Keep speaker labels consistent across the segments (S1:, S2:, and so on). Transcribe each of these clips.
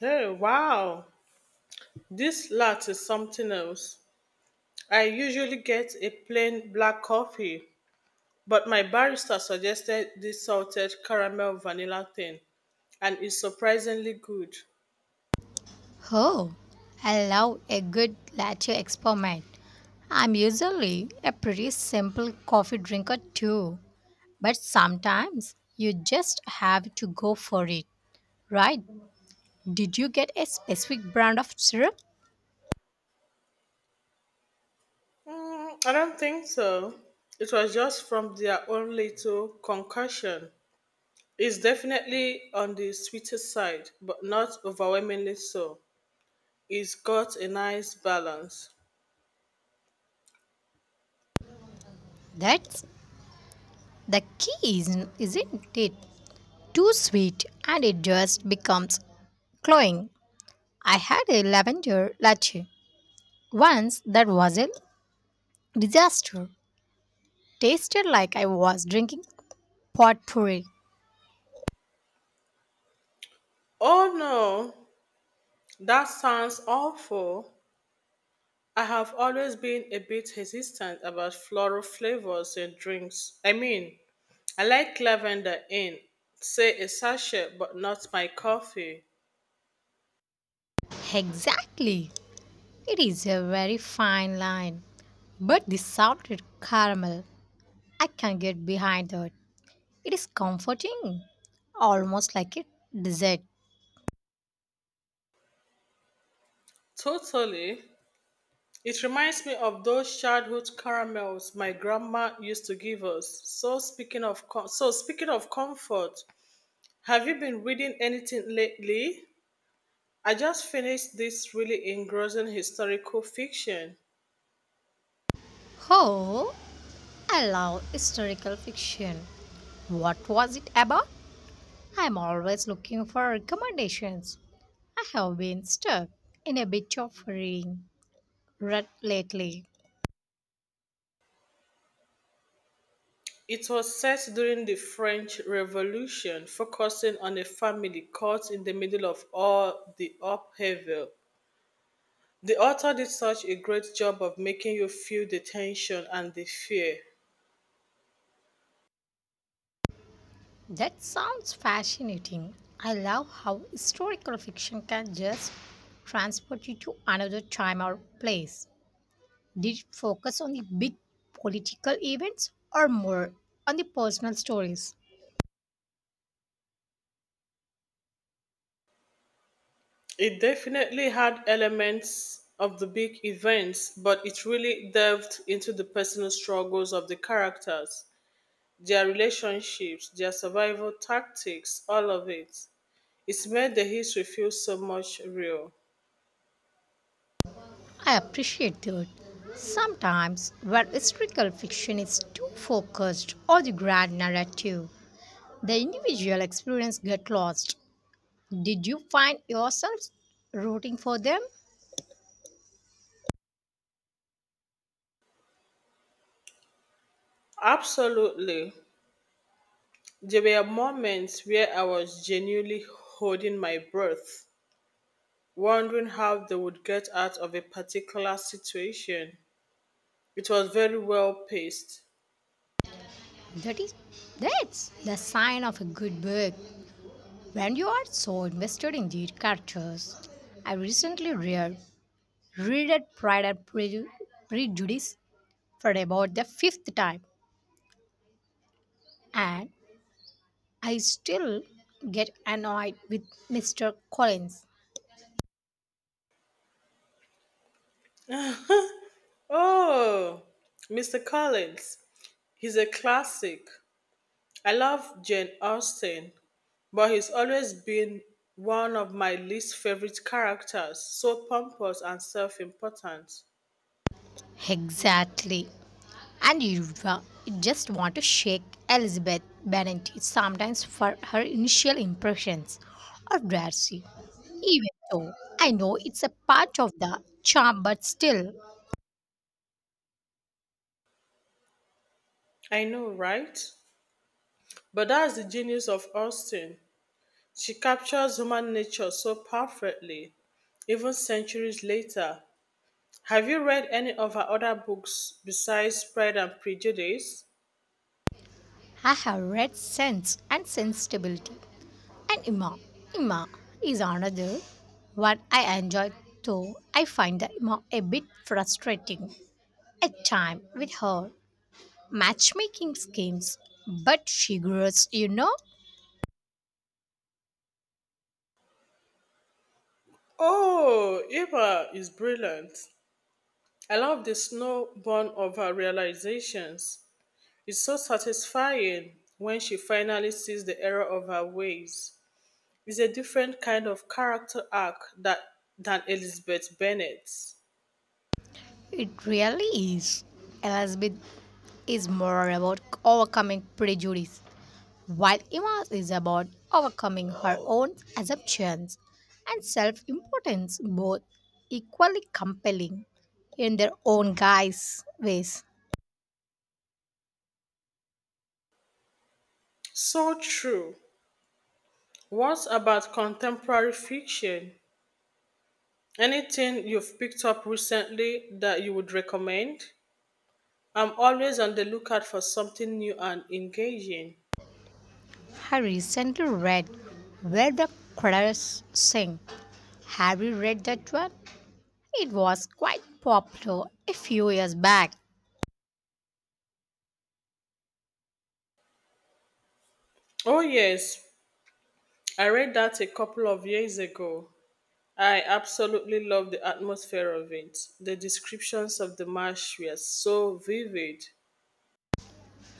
S1: Oh, wow. This latte is something else. I usually get a plain black coffee, but my barista suggested this salted caramel vanilla thing, and it's surprisingly good.
S2: Oh, I love a good latte experiment. I'm usually a pretty simple coffee drinker too, but sometimes you just have to go for it, right? Did you get a specific brand of syrup?
S1: Mm, I don't think so. It was just from their own little concussion. It's definitely on the sweeter side, but not overwhelmingly so. It's got a nice balance.
S2: That's the key, isn't it? Too sweet and it just becomes cloying. I had a lavender latte once that was a disaster. Tasted like I was drinking potpourri.
S1: Oh no, that sounds awful. I have always been a bit hesitant about floral flavors in drinks. I mean, I like lavender in, say, a sachet, but not my coffee.
S2: Exactly. It is a very fine line. But the salted caramel, I can get behind that. It is comforting, almost like a dessert.
S1: Totally. It reminds me of those childhood caramels my grandma used to give us. So speaking of comfort, have you been reading anything lately? I just finished this really engrossing historical fiction.
S2: Oh, I love historical fiction. What was it about? I'm always looking for recommendations. I have been stuck in a bit of reading rut lately.
S1: It was set during the French Revolution, focusing on a family caught in the middle of all the upheaval. The author did such a great job of making you feel the tension and the fear.
S2: That sounds fascinating. I love how historical fiction can just transport you to another time or place. Did it focus on the big political events or more on the personal stories?
S1: It definitely had elements of the big events, but it really delved into the personal struggles of the characters, their relationships, their survival tactics, all of it. It made the history feel so much real.
S2: I appreciate that. Sometimes, where historical fiction is too focused on the grand narrative, the individual experience gets lost. Did you find yourself rooting for them?
S1: Absolutely. There were moments where I was genuinely holding my breath, wondering how they would get out of a particular situation. It was very well paced.
S2: That is, that's the sign of a good book when you are so invested in the characters. I recently read Prejudice for about the fifth time, and I still get annoyed with Mr. Collins.
S1: Oh, Mr. Collins, he's a classic. I love Jane Austen, but he's always been one of my least favorite characters, so pompous and self important.
S2: Exactly. And you just want to shake Elizabeth Bennet sometimes for her initial impressions of Darcy. Even though I know it's a part of the charm, but still,
S1: I know, right? But that's the genius of Austen. She captures human nature so perfectly, even centuries later. Have you read any of her other books besides Pride and Prejudice?
S2: I have read Sense and Sensibility. And Emma. Emma is another one I enjoy, though I find the Emma a bit frustrating at times with her matchmaking schemes. But she grows, you know.
S1: Oh, Eva is brilliant. I love the snowborn of her realizations. It's so satisfying when she finally sees the error of her ways. It's a different kind of character arc that than Elizabeth Bennet's.
S2: It really is. Elizabeth is more about overcoming prejudice, while Emma is about overcoming her own assumptions and self importance, both equally compelling in their own guise ways.
S1: So true. What about contemporary fiction? Anything you've picked up recently that you would recommend? I'm always on the lookout for something new and engaging.
S2: I recently read Where the Credits Sing. Have you read that one? It was quite popular a few years back.
S1: Oh, yes, I read that a couple of years ago. I absolutely love the atmosphere of it. The descriptions of the marsh were so vivid.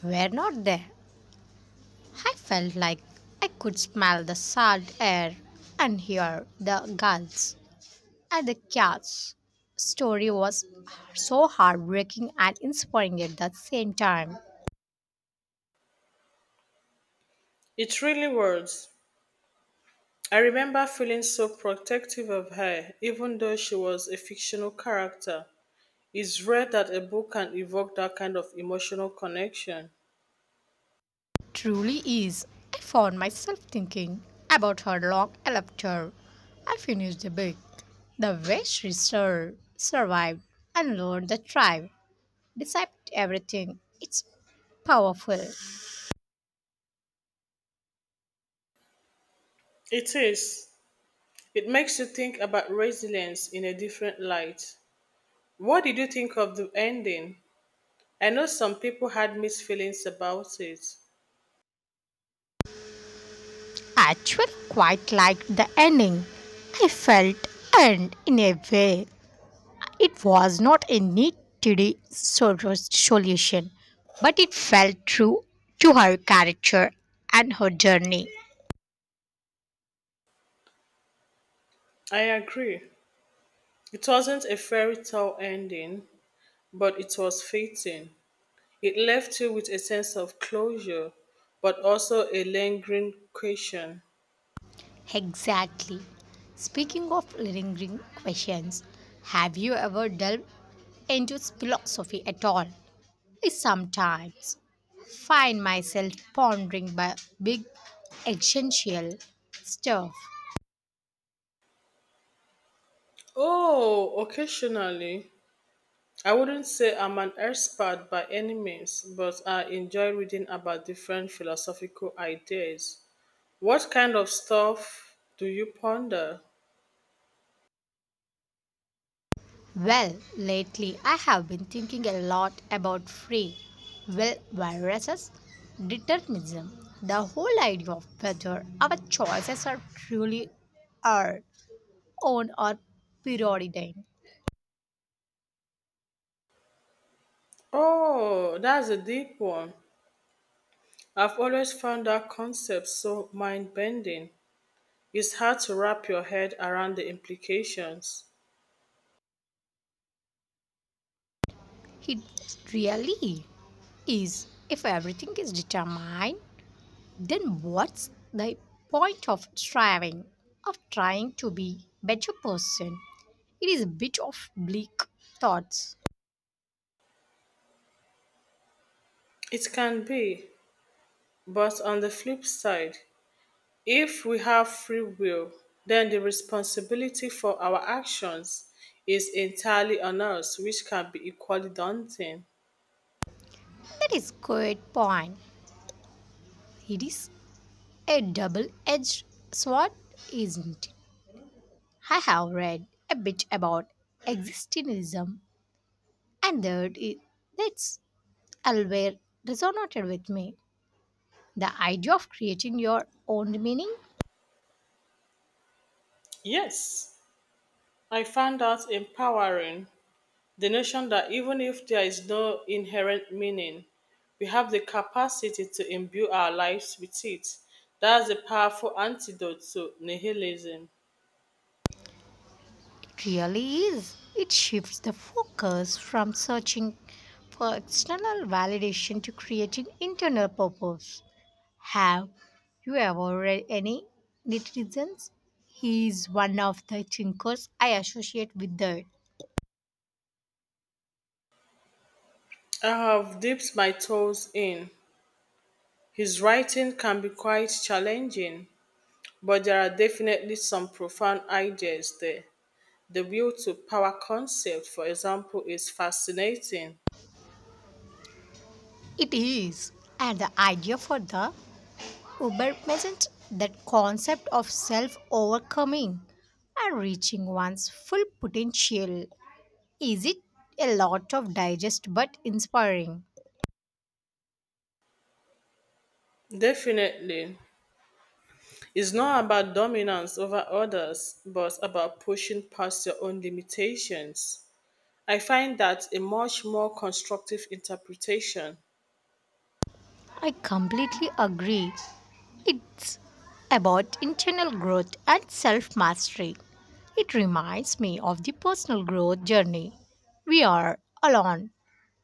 S2: We're not there. I felt like I could smell the salt air and hear the gulls and the cats. Story was so heartbreaking and inspiring at the same time.
S1: It really was. I remember feeling so protective of her, even though she was a fictional character. It's rare that a book can evoke that kind of emotional connection.
S2: Truly is. I found myself thinking about her long laughter. I finished the book. The way survived and learned the tribe, despite everything. It's powerful.
S1: It is. It makes you think about resilience in a different light. What did you think of the ending? I know some people had mixed feelings about it.
S2: Actually quite liked the ending. I felt, and in a way, it was not a neat tidy solution, but it felt true to her character and her journey.
S1: I agree. It wasn't a fairy tale ending, but it was fitting. It left you with a sense of closure, but also a lingering question.
S2: Exactly. Speaking of lingering questions, have you ever delved into philosophy at all? I sometimes find myself pondering by big existential stuff.
S1: Oh, occasionally. I wouldn't say I'm an expert by any means, but I enjoy reading about different philosophical ideas. What kind of stuff do you ponder?
S2: Well, lately I have been thinking a lot about free will viruses, determinism, the whole idea of whether our choices are truly our own or preordained.
S1: Oh, that's a deep one. I've always found that concept so mind bending. It's hard to wrap your head around the implications.
S2: It really is. If everything is determined, then what's the point of striving, of trying to be better person? It is a bit of bleak thoughts.
S1: It can be, but on the flip side, if we have free will, then the responsibility for our actions is entirely on us, which can be equally daunting.
S2: That is good point. It is a double edged sword, isn't it? I have read a bit about existentialism, and that's always resonated with me. The idea of creating your own meaning,
S1: Yes, I found that empowering. The notion that even if there is no inherent meaning, we have the capacity to imbue our lives with it. That's a powerful antidote to nihilism.
S2: it really is. It shifts the focus from searching for external validation to creating internal purpose. Have you ever read any netizens? He is one of the thinkers I associate with that.
S1: I have dipped my toes in. His writing can be quite challenging, but there are definitely some profound ideas there. The will to power concept, for example, is fascinating.
S2: It is. And the idea for the Uber present that concept of self overcoming and reaching one's full potential. Is it a lot of digest but inspiring?
S1: Definitely. It's not about dominance over others, but about pushing past your own limitations. I find that a much more constructive interpretation.
S2: I completely agree. It's about internal growth and self mastery. It reminds me of the personal growth journey. We are alone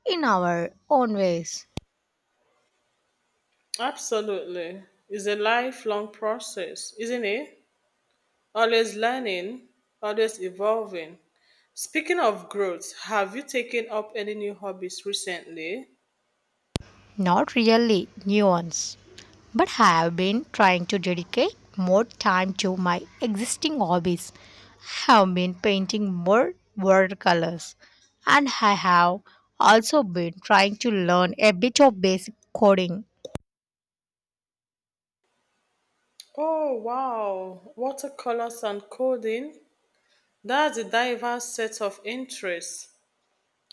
S2: in our own ways,
S1: Absolutely. It's a lifelong process, isn't it? Always learning, always evolving. Speaking of growth, have you taken up any new hobbies recently?
S2: not really new ones, but have been trying to dedicate more time to my existing hobbies. I have been painting more watercolors, and I have also been trying to learn a bit of basic coding.
S1: Oh, wow. Watercolors and coding. That's a diverse set of interests.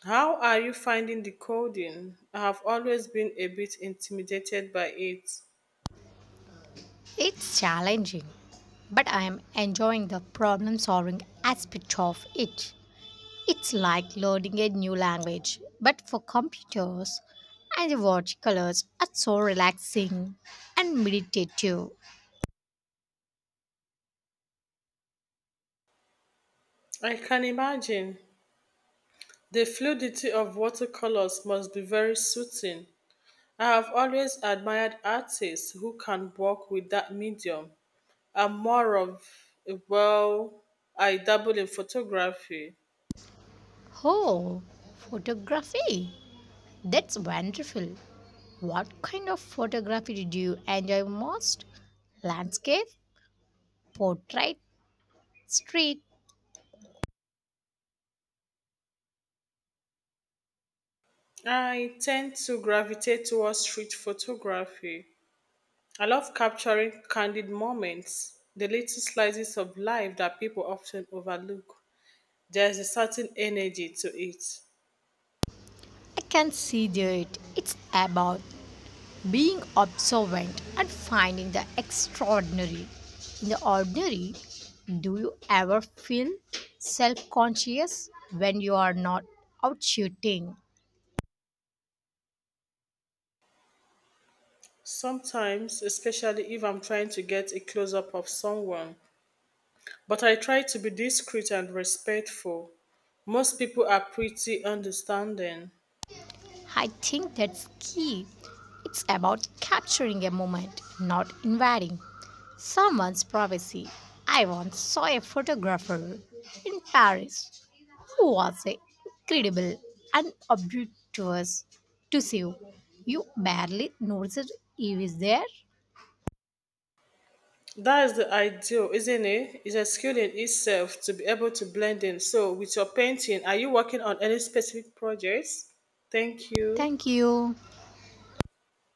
S1: How are you finding the coding? I have always been a bit intimidated by it.
S2: It's challenging, but I am enjoying the problem solving aspect of it. It's like learning a new language, but for computers, and the watercolors are so relaxing and meditative.
S1: I can imagine. The fluidity of watercolors must be very soothing. I have always admired artists who can work with that medium. I'm more of, well, I dabble in photography.
S2: Oh, photography! That's wonderful. What kind of photography did you enjoy most? Landscape, portrait, street.
S1: I tend to gravitate towards street photography. I love capturing candid moments, the little slices of life that people often overlook. There's a certain energy to it.
S2: I can see that it's about being observant and finding the extraordinary in the ordinary. Do you ever feel self-conscious when you are not out shooting?
S1: Sometimes, especially if I'm trying to get a close up of someone, but I try to be discreet and respectful. Most people are pretty understanding.
S2: I think that's key. It's about capturing a moment, not invading someone's privacy. I once saw a photographer in Paris who was a incredible and obtuse to see you. You barely noticed he was there.
S1: That is the ideal, isn't it? It's a skill in itself to be able to blend in. So, with your painting, are you working on any specific projects? Thank you.
S2: Thank you.